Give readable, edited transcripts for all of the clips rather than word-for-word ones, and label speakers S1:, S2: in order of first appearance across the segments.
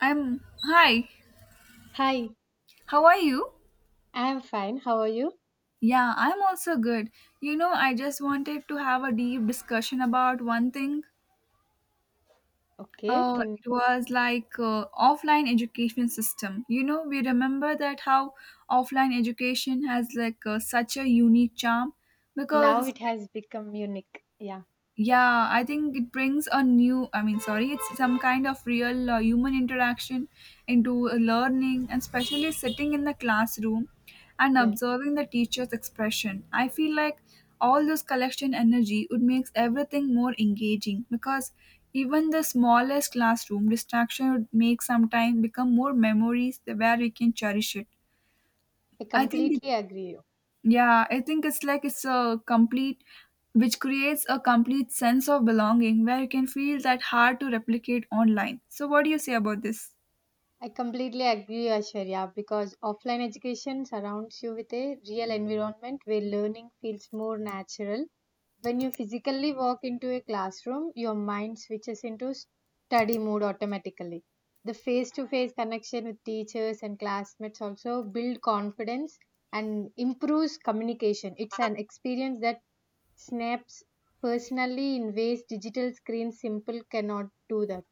S1: I'm hi.
S2: Hi,
S1: How are you?
S2: I'm fine. How are you?
S1: Yeah, I'm also good. You know, I just wanted to have a deep discussion about one thing.
S2: Okay,
S1: Uh,
S2: can
S1: it was like Offline education system. You know, we remember that how offline education has such a unique charm because
S2: now
S1: it's
S2: it has become unique. Yeah,
S1: yeah I think it brings a new I mean sorry it's some kind of real human interaction into learning, and especially sitting in the classroom and
S2: yeah.
S1: observing the teacher's expression, I feel like all this collection energy would makes everything more engaging, because even the smallest classroom distraction would make sometime become more memories where we can cherish it
S2: I
S1: I think
S2: completely agree you.
S1: Yeah, I think it's like it's a complete, which creates a complete sense of belonging where you can feel that hard to replicate online. So, what do you say about this?
S2: I completely agree, Asharya, because offline education surrounds you with a real environment where learning feels more natural. When you physically walk into a classroom, your mind switches into study mode automatically. The face-to-face connection with teachers and classmates also build confidence and improves communication. It's an experience that snaps personally in ways digital screens simple cannot do that.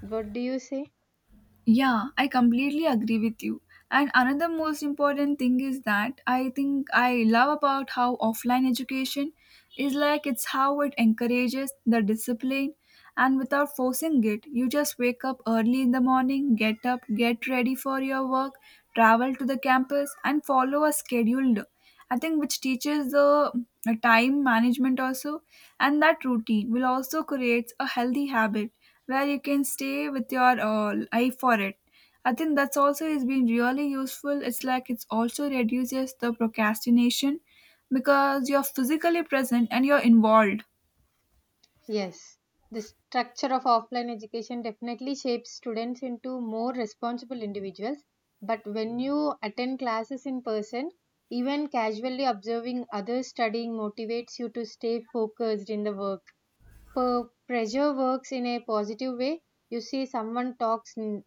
S2: What do you say?
S1: Yeah, I completely agree with you. And another most important thing is that I think I love about how offline education is like it's how it encourages the discipline, and without forcing it, you just wake up early in the morning, get up, get ready for your work, travel to the campus and follow a scheduled. I think which teaches the time management also, and that routine will also creates a healthy habit where you can stay with your eye for it. I think that's also has been really useful. It's also reduces the procrastination because you're physically present and you're involved.
S2: Yes, the structure of offline education definitely shapes students into more responsible individuals. But when you attend classes in person, even casually observing others studying motivates you to stay focused in the work. Per pressure works in a positive way. You see someone talks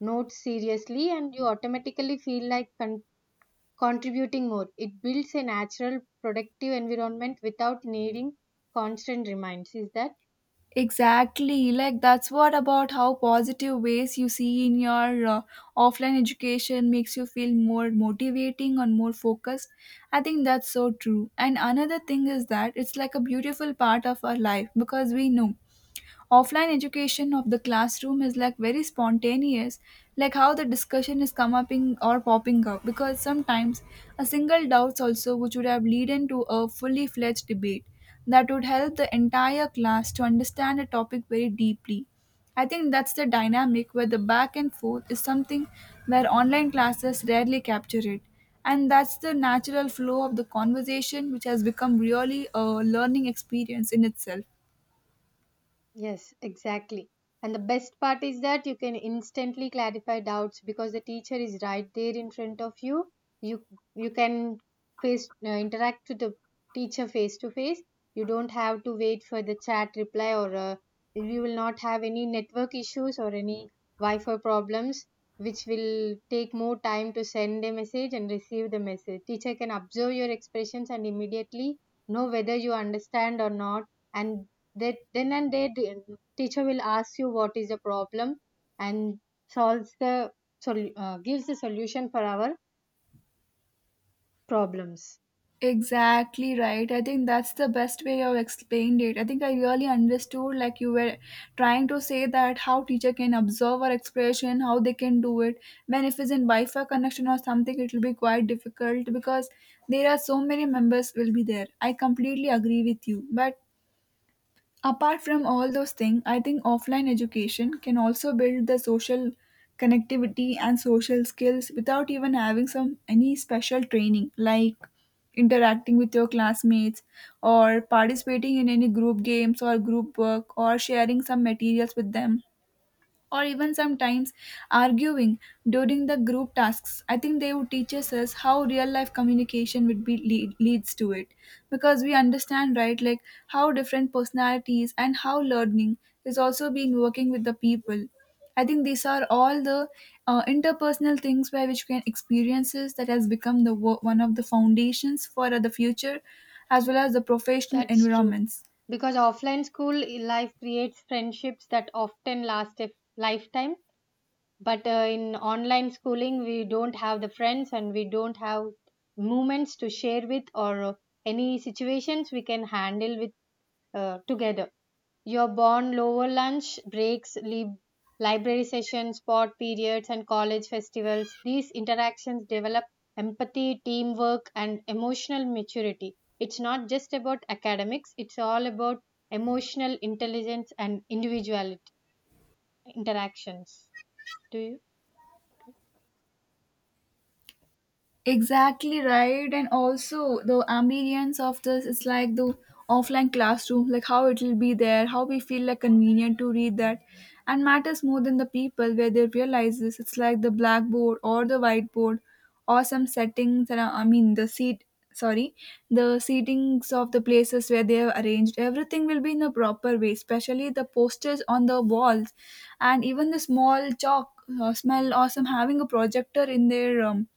S2: notes seriously, and you automatically feel like contributing more. It builds a natural, productive environment without needing constant reminds. Is that?
S1: Exactly, like that's what about how positive ways you see in your offline education makes you feel more motivating and more focused. I think that's so true. And another thing is that it's like a beautiful part of our life, because we know offline education of the classroom is like very spontaneous, like how the discussion is come up in or popping up, because sometimes a single doubts also which would have lead into a fully fledged debate that would help the entire class to understand a topic very deeply. I think that's the dynamic where the back and forth is something where online classes rarely capture it, and that's the natural flow of the conversation which has become really a learning experience in itself.
S2: Yes, exactly. And the best part is that you can instantly clarify doubts because the teacher is right there in front of you. You you can face interact with the teacher face to face. You don't have to wait for the chat reply or you will not have any network issues or any Wi-Fi problems, which will take more time to send a message and receive the message. Teacher can observe your expressions and immediately know whether you understand or not, and that then and there, the teacher will ask you what is the problem and solves the gives the solution for our problems.
S1: Exactly right. I think that's the best way you have explained it. I think I really understood like you were trying to say that how teacher can observe our expression, how they can do it. When if it's in Wi-Fi connection or something, it will be quite difficult because there are so many members will be there. I completely agree with you. But apart from all those things, I think offline education can also build the social connectivity and social skills without even having some any special training, like interacting with your classmates, or participating in any group games or group work, or sharing some materials with them, or even sometimes arguing during the group tasks. I think they would teach us how real life communication would be leads to it, because we understand right, like how different personalities and how learning is also being working with the people. I think these are all the interpersonal things by which we can experiences that has become the one of the foundations for the future as well as the professional
S2: That's true.
S1: environments.
S2: Because offline school life creates friendships that often last a lifetime. But in online schooling, we don't have the friends and we don't have moments to share with or any situations we can handle with together. Your born lower lunch breaks, library sessions, sport periods, and college festivals. These interactions develop empathy, teamwork, and emotional maturity. It's not just about academics, it's all about emotional intelligence and individual interactions. Do you?
S1: Exactly right, and also the ambience of this is like the offline classroom, like how it will be there, how we feel like convenient to read that, and matters more than the people where they realize this. It's like the blackboard or the whiteboard, or some settings that are, sorry, the seatings of the places where they have arranged. Everything will be in a proper way, especially the posters on the walls, and even the small chalk smell. Awesome having a projector in their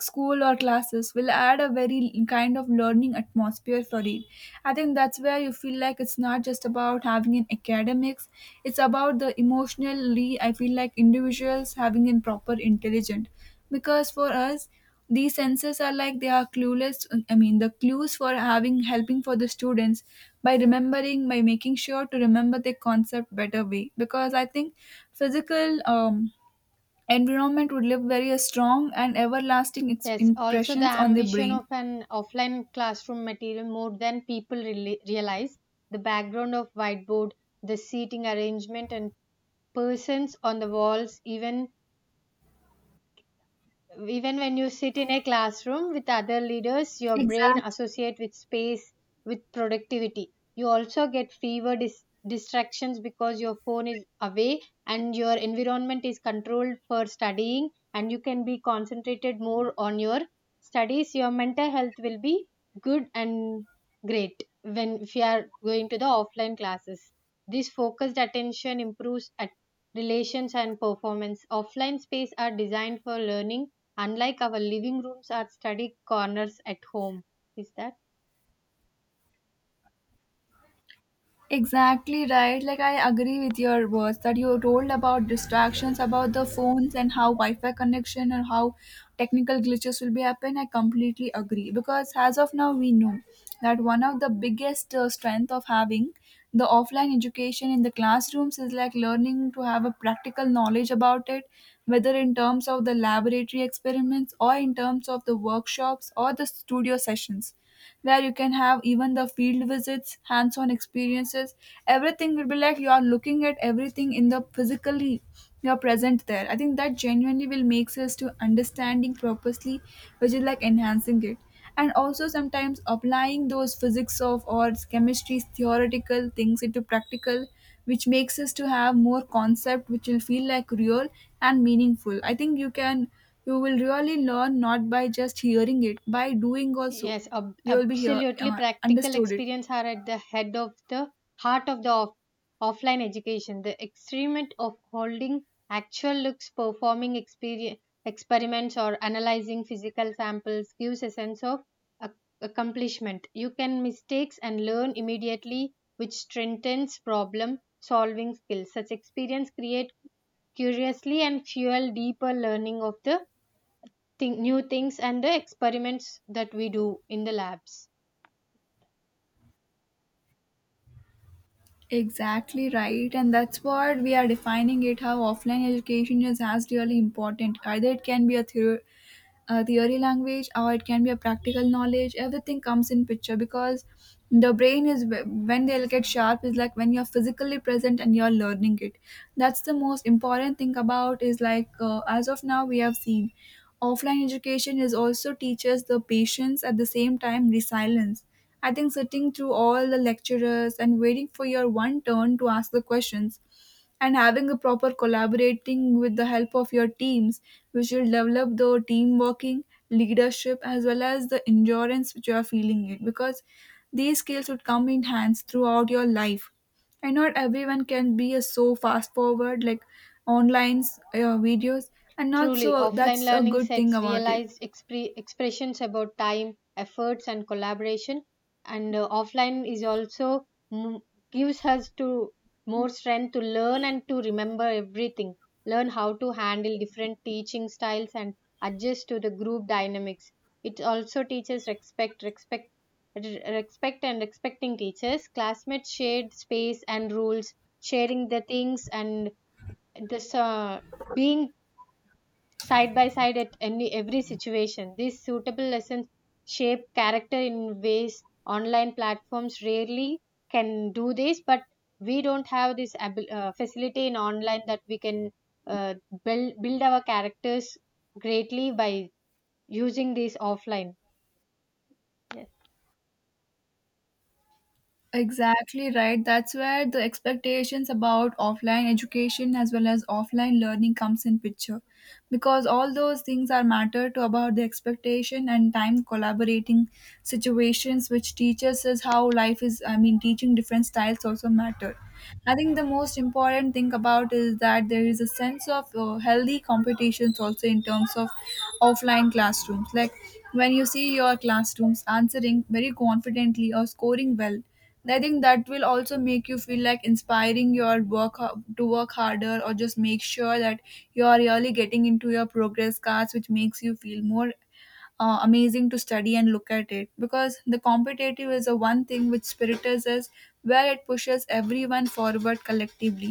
S1: school or classes will add a very kind of learning atmosphere for it. I think that's where you feel like it's not just about having an academics, it's about the emotionally, I feel like individuals having an proper intelligent, because for us these senses are like they are clueless I mean the clues for having helping for the students, by remembering, by making sure to remember the concept better way, because I think physical environment would leave very strong and everlasting
S2: Yes, also the
S1: impressions on the
S2: ambition
S1: brain.
S2: of an offline classroom material more than people really realize. The background of whiteboard, the seating arrangement, and persons on the walls even when you sit in a classroom with other leaders, your brain
S1: Exactly.
S2: associate with space with productivity. You also get fewer distractions because your phone is away and your environment is controlled for studying, and you can be concentrated more on your studies. Your mental health will be good and great when if you are going to the offline classes. This focused attention improves at relations and performance. Offline space are designed for learning, unlike our living rooms or study corners at home. Is that?
S1: Exactly right. Like I agree with your words that you told about distractions, about the phones and how Wi-Fi connection and how technical glitches will be happen. I completely agree, because as of now we know that one of the biggest strength of having the offline education in the classrooms is like learning to have a practical knowledge about it, whether in terms of the laboratory experiments or in terms of the workshops or the studio sessions where you can have even the field visits, hands on experiences. Everything will be like you are looking at everything in the physically you're present there. I think that genuinely will makes us to understanding purposely, which is like enhancing it. And also sometimes applying those physics of or chemistry theoretical things into practical, which makes us to have more concept which will feel like real and meaningful. I think you will really learn not by just hearing it, by doing also.
S2: Yes,
S1: You will be here,
S2: absolutely. Practical
S1: understood it.
S2: experience are at the head of the heart of the offline education. The experiment of holding actual looks, performing experiments, or analyzing physical samples gives a sense of ac- accomplishment. You can mistakes and learn immediately, which strengthens problem solving skills. Such experience create curiously and fuel deeper learning of the thing, new things and the experiments that we do in the labs.
S1: Exactly right, and that's what we are defining it how offline education is as really important. Either it can be a theory language, or it can be a practical knowledge. Everything comes in picture, because the brain is when they'll get sharp is like when you're physically present and you're learning it. That's the most important thing about is as of now we have seen offline education is also teaches the patience, at the same time resilience. I think sitting through all the lecturers and waiting for your one turn to ask the questions, and having a proper collaborating with the help of your teams, which will develop the team working, leadership, as well as the endurance which you are feeling it, because these skills would come in hands throughout your life. And not everyone can be a so fast forward like online videos, and not
S2: Truly,
S1: so
S2: offline
S1: that's a
S2: learning
S1: good thing
S2: sets
S1: about it.
S2: realized expressions about time, efforts, and collaboration. And offline is also m- gives us to more strength to learn and to remember everything. Learn how to handle different teaching styles and adjust to the group dynamics. It also teaches respect, respect, and respecting teachers. Classmates shared space and rules, sharing the things and this being side by side at any every situation. These suitable lessons shape character in ways online platforms rarely can do this, but we don't have this facility in online that we can uh, build our characters greatly by using these offline.
S1: Exactly right. That's where the expectations about offline education as well as offline learning comes in picture. Because all those things are matter to about the expectation and time collaborating situations which teaches us how life is, I mean teaching different styles also matter. I think the most important thing about is that there is a sense of healthy competitions also in terms of offline classrooms. Like when you see your classrooms answering very confidently or scoring well, I think that will also make you feel like inspiring your work to work harder, or just make sure that you are really getting into your progress cards, which makes you feel more amazing to study and look at it, because the competitive is the one thing which spiritus is, where it pushes everyone forward collectively.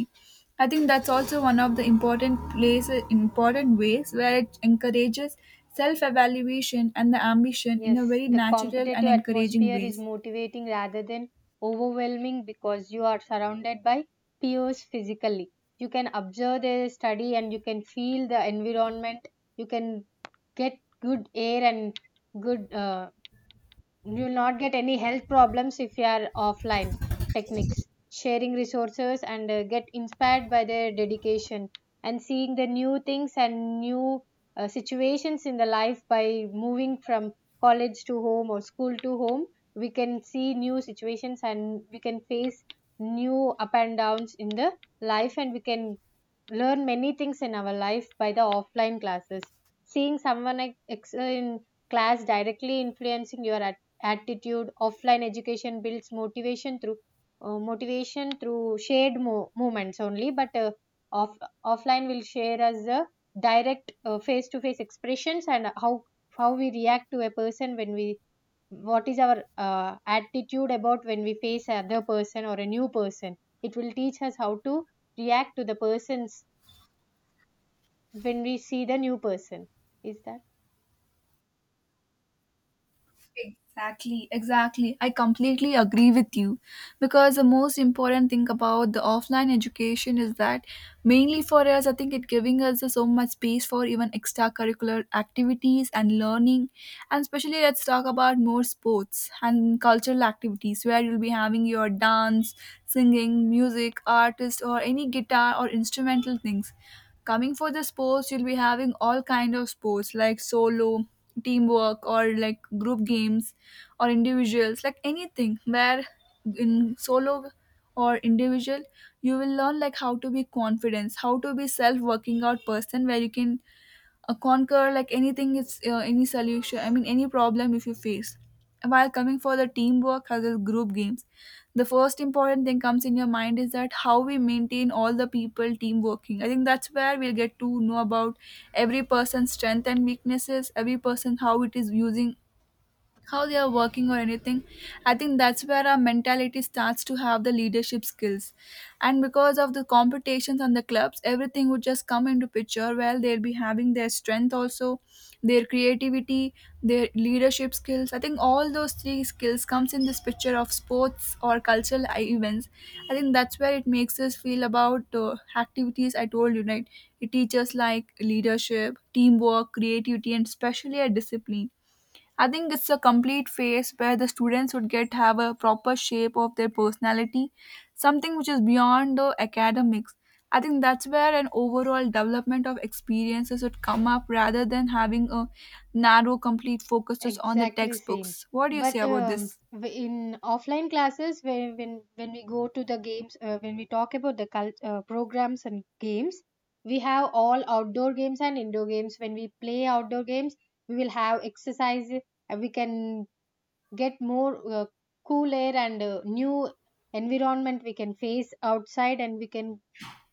S1: I think that's also one of the important ways where it encourages self evaluation and the ambition in a
S2: Yes,
S1: very
S2: the
S1: natural and
S2: competitive
S1: encouraging
S2: atmosphere is
S1: ways.
S2: motivating rather than overwhelming because you are surrounded by peers physically. You can observe their study and you can feel the environment. You can get good air and good, you'll not get any health problems if you are offline. Techniques sharing resources and get inspired by their dedication and seeing the new things and new situations in the life by moving from college to home or school to home, we can see new situations and we can face new up and downs in the life, and we can learn many things in our life by the offline classes. Seeing someone excel in class directly influencing your attitude. Offline education builds motivation through shared movements only, but off- offline will share us the direct face to face expressions and how we react to a person when we what is our attitude about when we face another person or a new person. It will teach us how to react to the person's when we see the new person. Is that
S1: Exactly, exactly. I completely agree with you, because the most important thing about the offline education is that mainly for us, I think it giving us so much space for even extracurricular activities and learning, and especially let's talk about more sports and cultural activities where you'll be having your dance, singing, music, artist, or any guitar or instrumental things. Coming for the sports, you'll be having all kind of sports, like solo teamwork or like group games or individuals like anything, where in solo or individual you will learn like how to be confidence, how to be self working out person where you can conquer like anything, it's any solution I mean any problem if you face. While coming for the teamwork as well as group games, the first important thing comes in your mind is that how we maintain all the people team working. I think that's where we'll get to know about every person's strength and weaknesses, every person how it is using, how they are working or anything. I think that's where our mentality starts to have the leadership skills, and because of the competitions and the clubs, everything would just come into picture where they'll be having their strength also, their creativity, their leadership skills. I think all those three skills comes in this picture of sports or cultural events. I think that's where it makes us feel about activities. I told you right, it teaches like leadership, teamwork, creativity, and especially a discipline. I think it's a complete phase where the students would get have a proper shape of their personality, something which is beyond the academics. I think that's where an overall development of experiences would come up rather than having a narrow, complete focus just on the
S2: exactly same?
S1: textbooks. What do you say
S2: but
S1: about
S2: um,
S1: this?
S2: w- in offline classes, when we go to the games, when we talk about the cult, programs and games, we have all outdoor games and indoor games. When we play outdoor games, we will have exercise and we can get more cool air and new environment we can face outside, and we can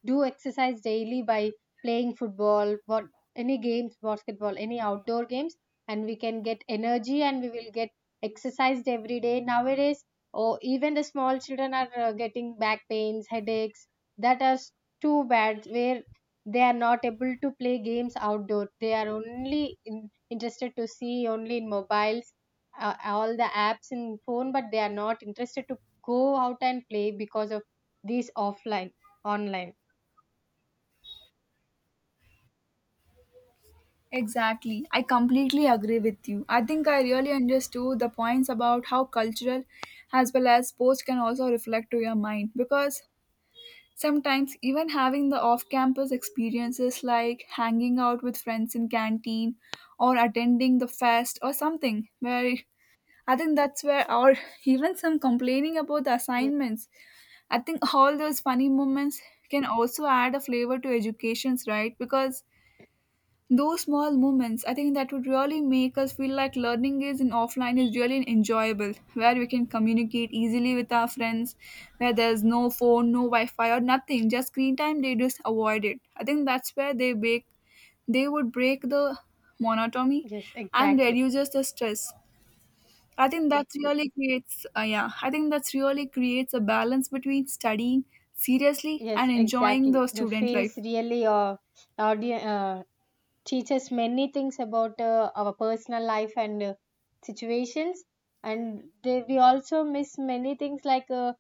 S2: do exercise daily by playing football, what any games, basketball, any outdoor games, and we can get energy and we will get exercised every day. Nowadays, or even the small children are getting back pains, headaches, that are too bad, where they are not able to play games outdoor. They are only interested to see only in mobiles, all the apps in phone, but they are not interested to go out and play because of these offline online.
S1: Exactly. I completely agree with you. I think I really understood the points about how cultural as well as sports can also reflect to your mind because sometimes even having the off-campus experiences like hanging out with friends in canteen or attending the fest or something where I think that's where or even some complaining about the
S2: Yeah,
S1: assignments. I think all those funny moments can also add a flavor to educations, right? Because those small moments, I think that would really make us feel like learning is in offline is really enjoyable, where we can communicate easily with our friends, where there's no phone, no Wi-Fi or nothing, just screen time. They just avoid it. I think that's where they break, they would break the monotony
S2: yes,
S1: and
S2: exactly.
S1: reduces the stress. I think that really creates, yeah, I think that's really creates a balance between studying seriously and
S2: Yes,
S1: enjoying
S2: exactly.
S1: the
S2: The
S1: student
S2: face
S1: life.
S2: really audi- uh, teaches many things about our personal life and situations. And they, we also miss many things like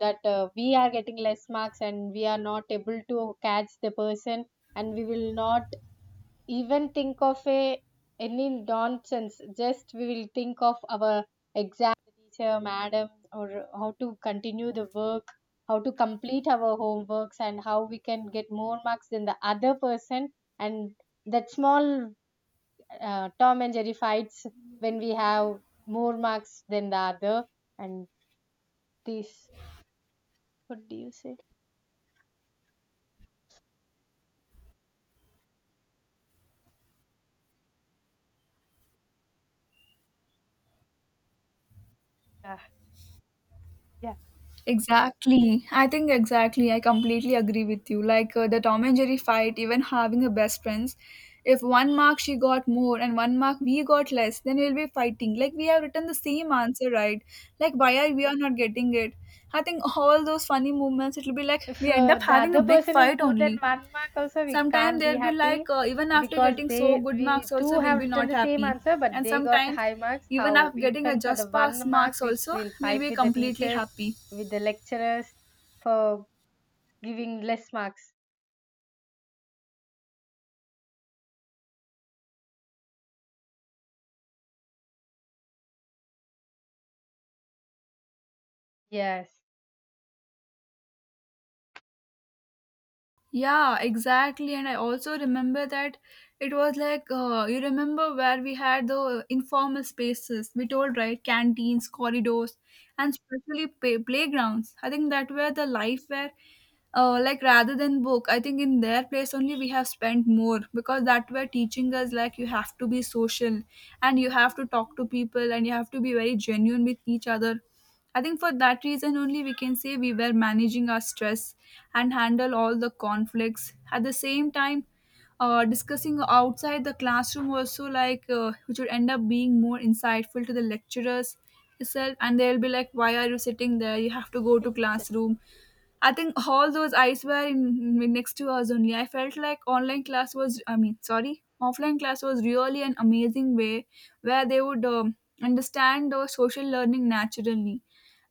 S2: that we are getting less marks and we are not able to catch the person, and we will not even think of a any nonsense, just we will think of our exam teacher madam, or how to continue the work, how to complete our homeworks, and how we can get more marks than the other person. And that small Tom and Jerry fights when we have more marks than the other, and this, what do you say?
S1: Exactly. I think exactly. I completely agree with you. Like the Tom and Jerry fight, even having a best friends, if one mark she got more and one mark we got less, then we'll be fighting. Like we have written the same answer, right? Like why are we are not getting it? I think all those funny moments, it'll be like
S2: If
S1: we end up
S2: the
S1: having a
S2: other
S1: big
S2: person is
S1: fight
S2: more than
S1: only.
S2: one mark, also we
S1: Sometimes
S2: can't be
S1: they'll be
S2: happy,
S1: like, even after
S2: because
S1: getting so
S2: they
S1: good marks,
S2: we too
S1: also we'll
S2: have
S1: be
S2: written
S1: not
S2: the same
S1: happy.
S2: answer, but
S1: And
S2: they got
S1: sometimes,
S2: high marks.
S1: even
S2: How
S1: after getting a
S2: even for the
S1: just pass
S2: one mark
S1: marks,
S2: we
S1: also
S2: will
S1: we'll
S2: fight
S1: be
S2: with the
S1: completely
S2: teachers,
S1: happy.
S2: with the lecturers, for giving less marks. Yes,
S1: Yeah, exactly. And I also remember that it was like, you remember where we had the informal spaces, we told, right? Canteens, corridors, and especially playgrounds. I think that were the life where, like, rather than book, I think in their place only we have spent more because that were teaching us, like, you have to be social and you have to talk to people and you have to be very genuine with each other. I think for that reason only we can say we were managing our stress and handle all the conflicts. At the same time, discussing outside the classroom also like which would end up being more insightful to the lecturers itself, and they'll be like why are you sitting there, you have to go to
S2: e-
S1: classroom. I think all those eyes were in next to us only. I felt like online class was, I mean sorry, offline class was really an amazing way where they would understand the social learning naturally,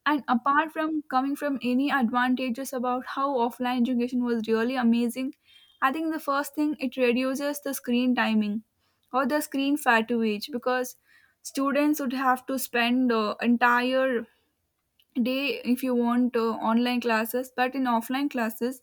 S1: and apart from coming from any advantages about how offline education was really amazing, I think the first thing it reduces the screen timing or the screen fatigue because students would have to spend the entire day if you want online classes, but in offline classes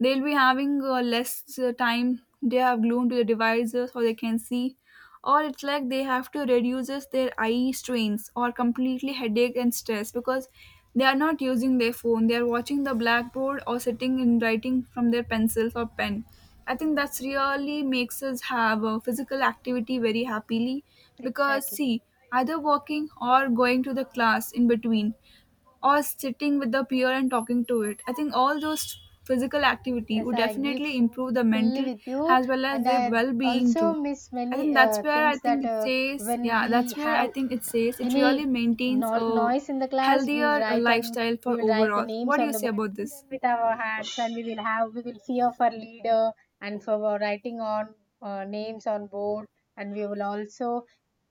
S1: they'll be having less time they have glued to the devices or they can see, or it's like they have to reduces their eye strains or completely headache and stress because they are not using their phone, they are watching the blackboard or sitting and writing from their pencils or pen. I think that's really makes us have a physical activity very happily because
S2: exactly.
S1: see, either walking or going to the class in between or sitting with the peer and talking to it. I think all those physical activity
S2: Yes,
S1: would
S2: I agree
S1: definitely improve the
S2: fully
S1: mental
S2: with you,
S1: as well as
S2: and
S1: the
S2: I
S1: well-being
S2: also
S1: too.
S2: miss
S1: I think
S2: many
S1: that's where I
S2: things
S1: think
S2: that
S1: it says,
S2: when
S1: yeah,
S2: we
S1: that's where I
S2: have
S1: think it says it really
S2: any
S1: maintains a
S2: noise in the class, we
S1: healthier
S2: write on,
S1: lifestyle for
S2: we will write the
S1: overall. What
S2: names
S1: do you
S2: on the
S1: say
S2: board,
S1: about
S2: control
S1: this?
S2: them with our hands, and we will have, we will see of our leader, and for our writing on names on board, and we will also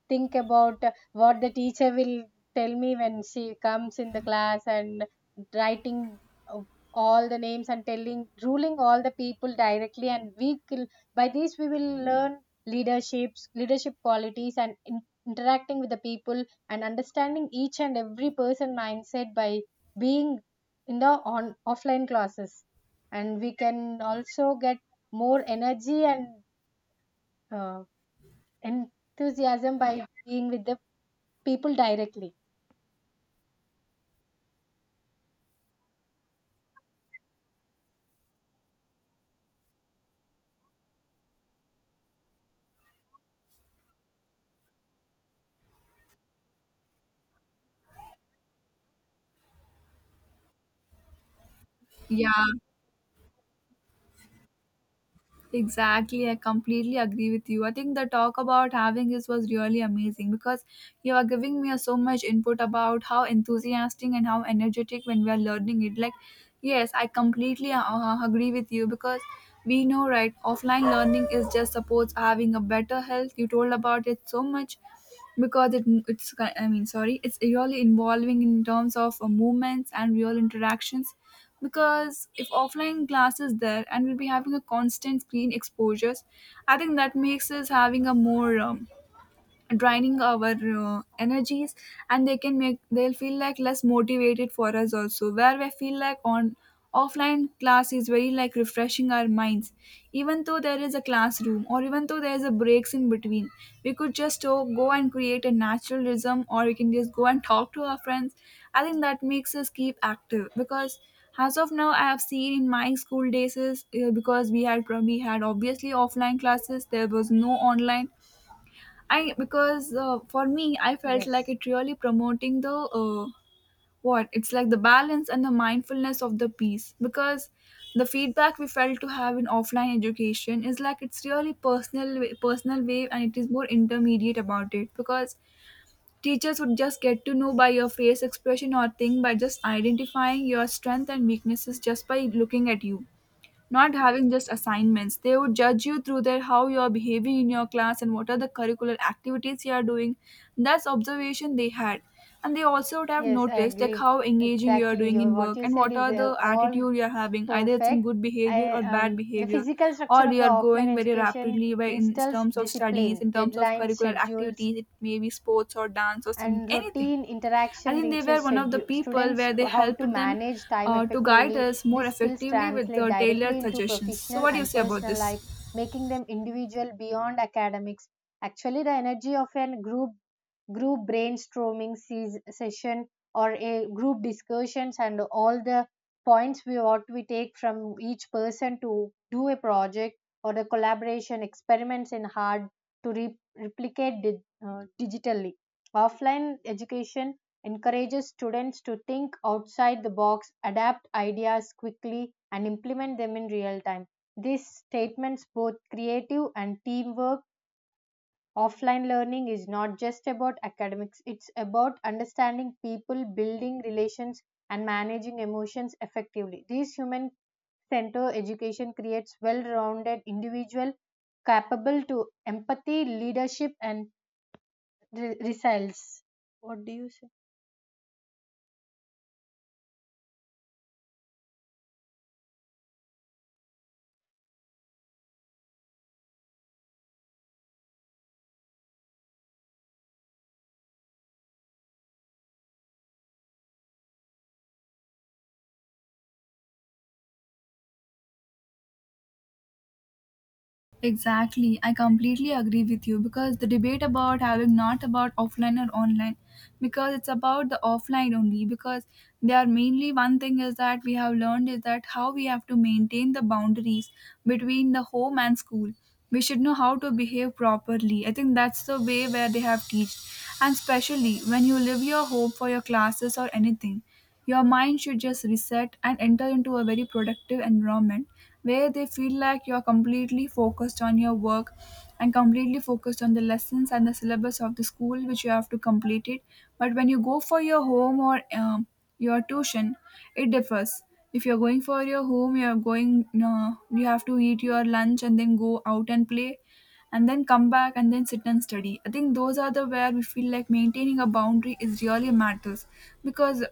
S2: think about what the teacher will tell me when she comes in the class, and writing uh, all the names and telling ruling all the people directly, and we will by this we will learn leaderships, leadership qualities, and interacting with the people and understanding each and every person mindset by being in the on offline classes, and we can also get more energy and uh, enthusiasm by being with the people directly.
S1: Yeah, exactly, I completely agree with you. I think the talk about having this was really amazing because you are giving me so much input about how enthusiastic and how energetic when we are learning it. Like, yes, I completely agree with you because we know, right? Offline learning is just supports having a better health. You told about it so much because it's I mean, sorry, it's really involving in terms of movements and real interactions because if offline class is there and we'll be having a constant screen exposures. I think that makes us having a more draining our energies, and they can make they'll feel like less motivated for us also where we feel like on offline class is very like refreshing our minds. Even though there is a classroom or even though there is a breaks in between, we could just go and create a natural rhythm, or we can just go and talk to our friends. I think that makes us keep active because as of now I have seen in my school days is because we had obviously offline classes, there was no online. I because for me, I felt like
S2: Yes,
S1: it really promoting the what it's like the balance and the mindfulness of the piece because the feedback we felt to have in offline education is like it's really personal way, and it is more intermediate about it because teachers would just get to know by your face expression or thing by just identifying your strength and weaknesses just by looking at you, not having just assignments. They would judge you through their how you're behaving in your class and what are the curricular activities you are doing. That's observation they had, and they also would have
S2: yes, I
S1: noticed like
S2: agree
S1: how engaging you are
S2: exactly.
S1: doing
S2: Your
S1: in
S2: what
S1: work
S2: you
S1: and
S2: said
S1: what
S2: is
S1: are the
S2: all
S1: attitude you are having, either it's in
S2: perfect.
S1: good behavior
S2: I
S1: or bad
S2: um the
S1: behavior,
S2: physical structure
S1: or
S2: of
S1: you
S2: the
S1: are
S2: offline
S1: going very
S2: education
S1: rapidly by in
S2: instills
S1: terms of studies,
S2: discipline,
S1: in terms of
S2: deadlines,
S1: curricular
S2: schedules,
S1: activities, it may be sports or dance or singing
S2: and
S1: anything.
S2: routine
S1: I
S2: interaction
S1: think they were
S2: reaches
S1: one of the
S2: schedule
S1: people
S2: students
S1: where they
S2: how to
S1: helped them
S2: manage time
S1: to guide
S2: effectively.
S1: us more
S2: These skills
S1: effectively with
S2: translate
S1: the
S2: directly
S1: tailored
S2: into
S1: suggestions. So,
S2: professional
S1: what do you
S2: and
S1: say about
S2: personal
S1: this?
S2: life, making them individual beyond academics. Actually, the energy of a group brainstorming session or a group discussions, and all the points we what we take from each person to do a project or the collaboration experiments in hard to replicate digitally. Offline education encourages students to think outside the box, adapt ideas quickly, and implement them in real time. These statements, both creative and teamwork, offline learning is not just about academics, it's about understanding people, building relations, and managing emotions effectively. This human center education creates well rounded individual capable to empathy, leadership, and resilience. What do you say?
S1: Exactly. I completely agree with you because the debate about having not about offline or online because it's about the offline only because they are mainly one thing is that we have learned is that how we have to maintain the boundaries between the home and school. We should know how to behave properly. I think that's the way where they have teach. And especially when you leave your home for your classes or anything, your mind should just reset and enter into a very productive environment where they feel like you're completely focused on your work and completely focused on the lessons and the syllabus of the school which you have to complete it. But when you go for your home or your tuition, it differs. If you're going for your home, you're going, you have to eat your lunch and then go out and play and then come back and then sit and study. I think those are the where we feel like maintaining a boundary is really matters because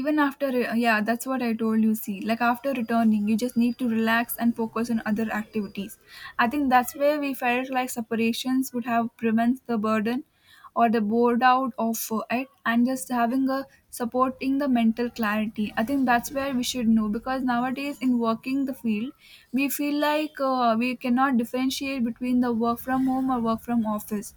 S1: even after, yeah, that's what I told you. See, like after returning you just need to relax and focus on other activities. I think that's where we felt like separations would have prevents the burden or the bored out of it, and just having a supporting the mental clarity. I think that's where we should know because nowadays in working the field, we feel like we cannot differentiate between the work from home or work from office.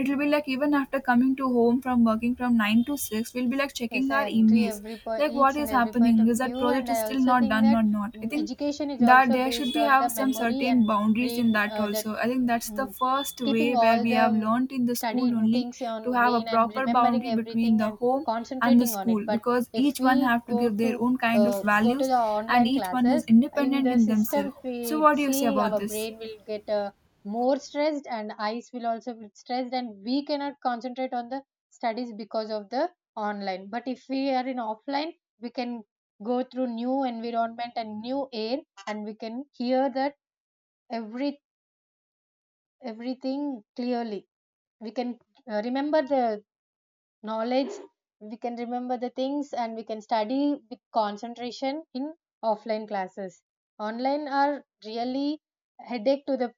S1: It will be like even after coming to home from working from 9 to 6, we'll be like checking
S2: Yes,
S1: our
S2: I agree
S1: emails
S2: every point,
S1: like what
S2: each
S1: is
S2: and every point
S1: happening,
S2: of
S1: is that
S2: view,
S1: project
S2: and
S1: is
S2: I
S1: still
S2: also
S1: not
S2: think
S1: done
S2: that
S1: or not. I
S2: mm,
S1: think
S2: education is
S1: that
S2: also
S1: there should
S2: based
S1: be
S2: on
S1: have
S2: the
S1: some
S2: memory
S1: certain
S2: and
S1: boundaries in
S2: brain
S1: that
S2: that
S1: also. I think that's the
S2: mm.
S1: first way
S2: Keeping
S1: where
S2: all
S1: we have
S2: the
S1: learned in the school
S2: studied
S1: only,
S2: things
S1: to
S2: on
S1: have a
S2: brain and
S1: proper
S2: remembering
S1: boundary between
S2: everything
S1: the
S2: and
S1: home and the
S2: concentrating on it.
S1: school
S2: But
S1: because
S2: if
S1: each one
S2: we
S1: have to
S2: go
S1: give their
S2: to
S1: own kind of values
S2: the
S1: and
S2: online
S1: each one is
S2: classes in
S1: independent
S2: the
S1: in
S2: system,
S1: themselves. So
S2: we
S1: what do you say
S2: see
S1: about
S2: our
S1: this?
S2: brain will get more stressed and eyes will also be stressed, and we cannot concentrate on the studies because of the online. But if we are in offline, we can go through new environment and new air, and we can hear that every everything clearly. We can remember the knowledge, we can remember the things, and we can study with concentration in offline classes. Online are really headache to the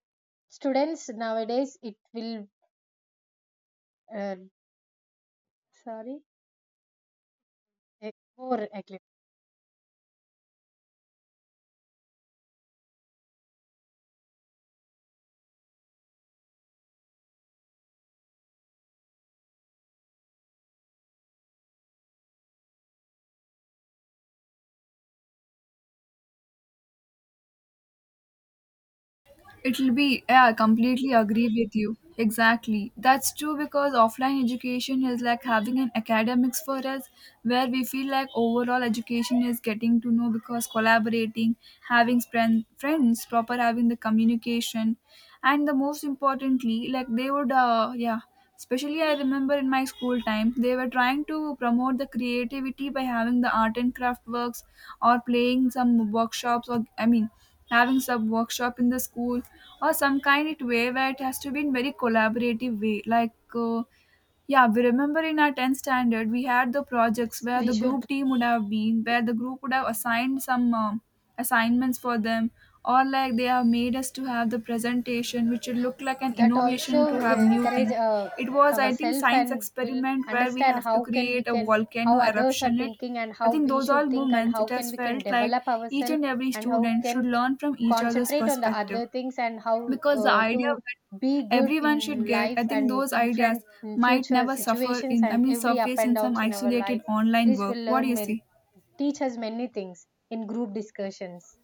S2: students nowadays. It will uh, sorry eh, more actually.
S1: It'll be, yeah, I completely agree with you. Exactly. That's true because offline education is like having an academics for us where we feel like overall education is getting to know because collaborating, having friends, proper having the communication, and the most importantly, like they would, yeah, especially, I remember in my school time, they were trying to promote the creativity by having the art and craft works or playing some workshops, or I mean, having some workshop in the school or some kind of way where it has to be in very collaborative way, like. Yeah, we remember in our 10th standard, we had the projects
S2: Yes,
S1: where
S2: we
S1: the group
S2: should
S1: team would have been, where the group would have assigned some assignments for them, or like they have made us to have the presentation, which would look like an
S2: that
S1: innovation
S2: also
S1: to have new
S2: encourage
S1: thing. It was, I think,
S2: ourselves
S1: science
S2: and will
S1: experiment where we
S2: understand
S1: have to
S2: how can we
S1: create a
S2: can,
S1: volcano
S2: how others are
S1: eruption it.
S2: thinking and
S1: I
S2: how
S1: think
S2: we
S1: those all
S2: should think, and
S1: moments, it
S2: how
S1: has
S2: can we can
S1: felt like
S2: develop
S1: each
S2: ourselves,
S1: and every
S2: and how
S1: student should
S2: can
S1: learn from each other's
S2: concentrate on the
S1: perspective
S2: other things, and how
S1: because the idea
S2: to
S1: that
S2: be good
S1: everyone should
S2: in
S1: get, I
S2: life
S1: think
S2: and
S1: those
S2: in front
S1: ideas
S2: in
S1: might
S2: future
S1: never suffer
S2: situations
S1: in, I
S2: and
S1: mean,
S2: every up
S1: surface in
S2: and
S1: some
S2: downs in our
S1: isolated
S2: life.
S1: online
S2: This
S1: work.
S2: will
S1: What
S2: learn
S1: do you see?
S2: teach us many things in group discussions.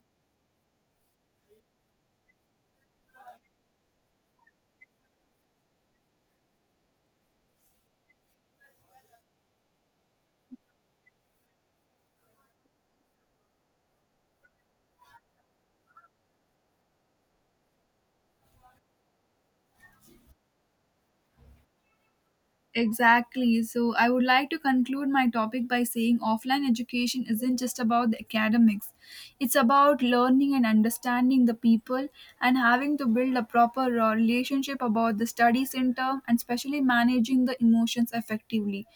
S1: Exactly. So, I would like to conclude my topic by saying offline education isn't just about the academics. It's about learning and understanding the people and having to build a proper relationship about the study center and especially managing the emotions effectively,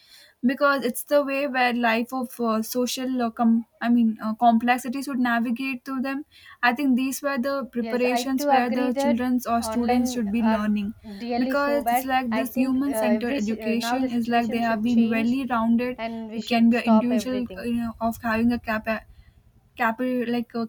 S1: because it's the way where life of social I mean complexities would navigate through them. I think these were the
S2: Yes, I
S1: preparations
S2: too
S1: where the
S2: agree that
S1: children's or students
S2: online
S1: should be
S2: are
S1: learning
S2: really so
S1: because it's
S2: bad.
S1: like
S2: I
S1: this
S2: think
S1: human centered
S2: now
S1: education
S2: the
S1: is like
S2: situation
S1: they have
S2: should
S1: been well
S2: change
S1: rounded.
S2: and we
S1: It
S2: should
S1: can be an
S2: stop
S1: individual,
S2: everything.
S1: you know, of having a like uh,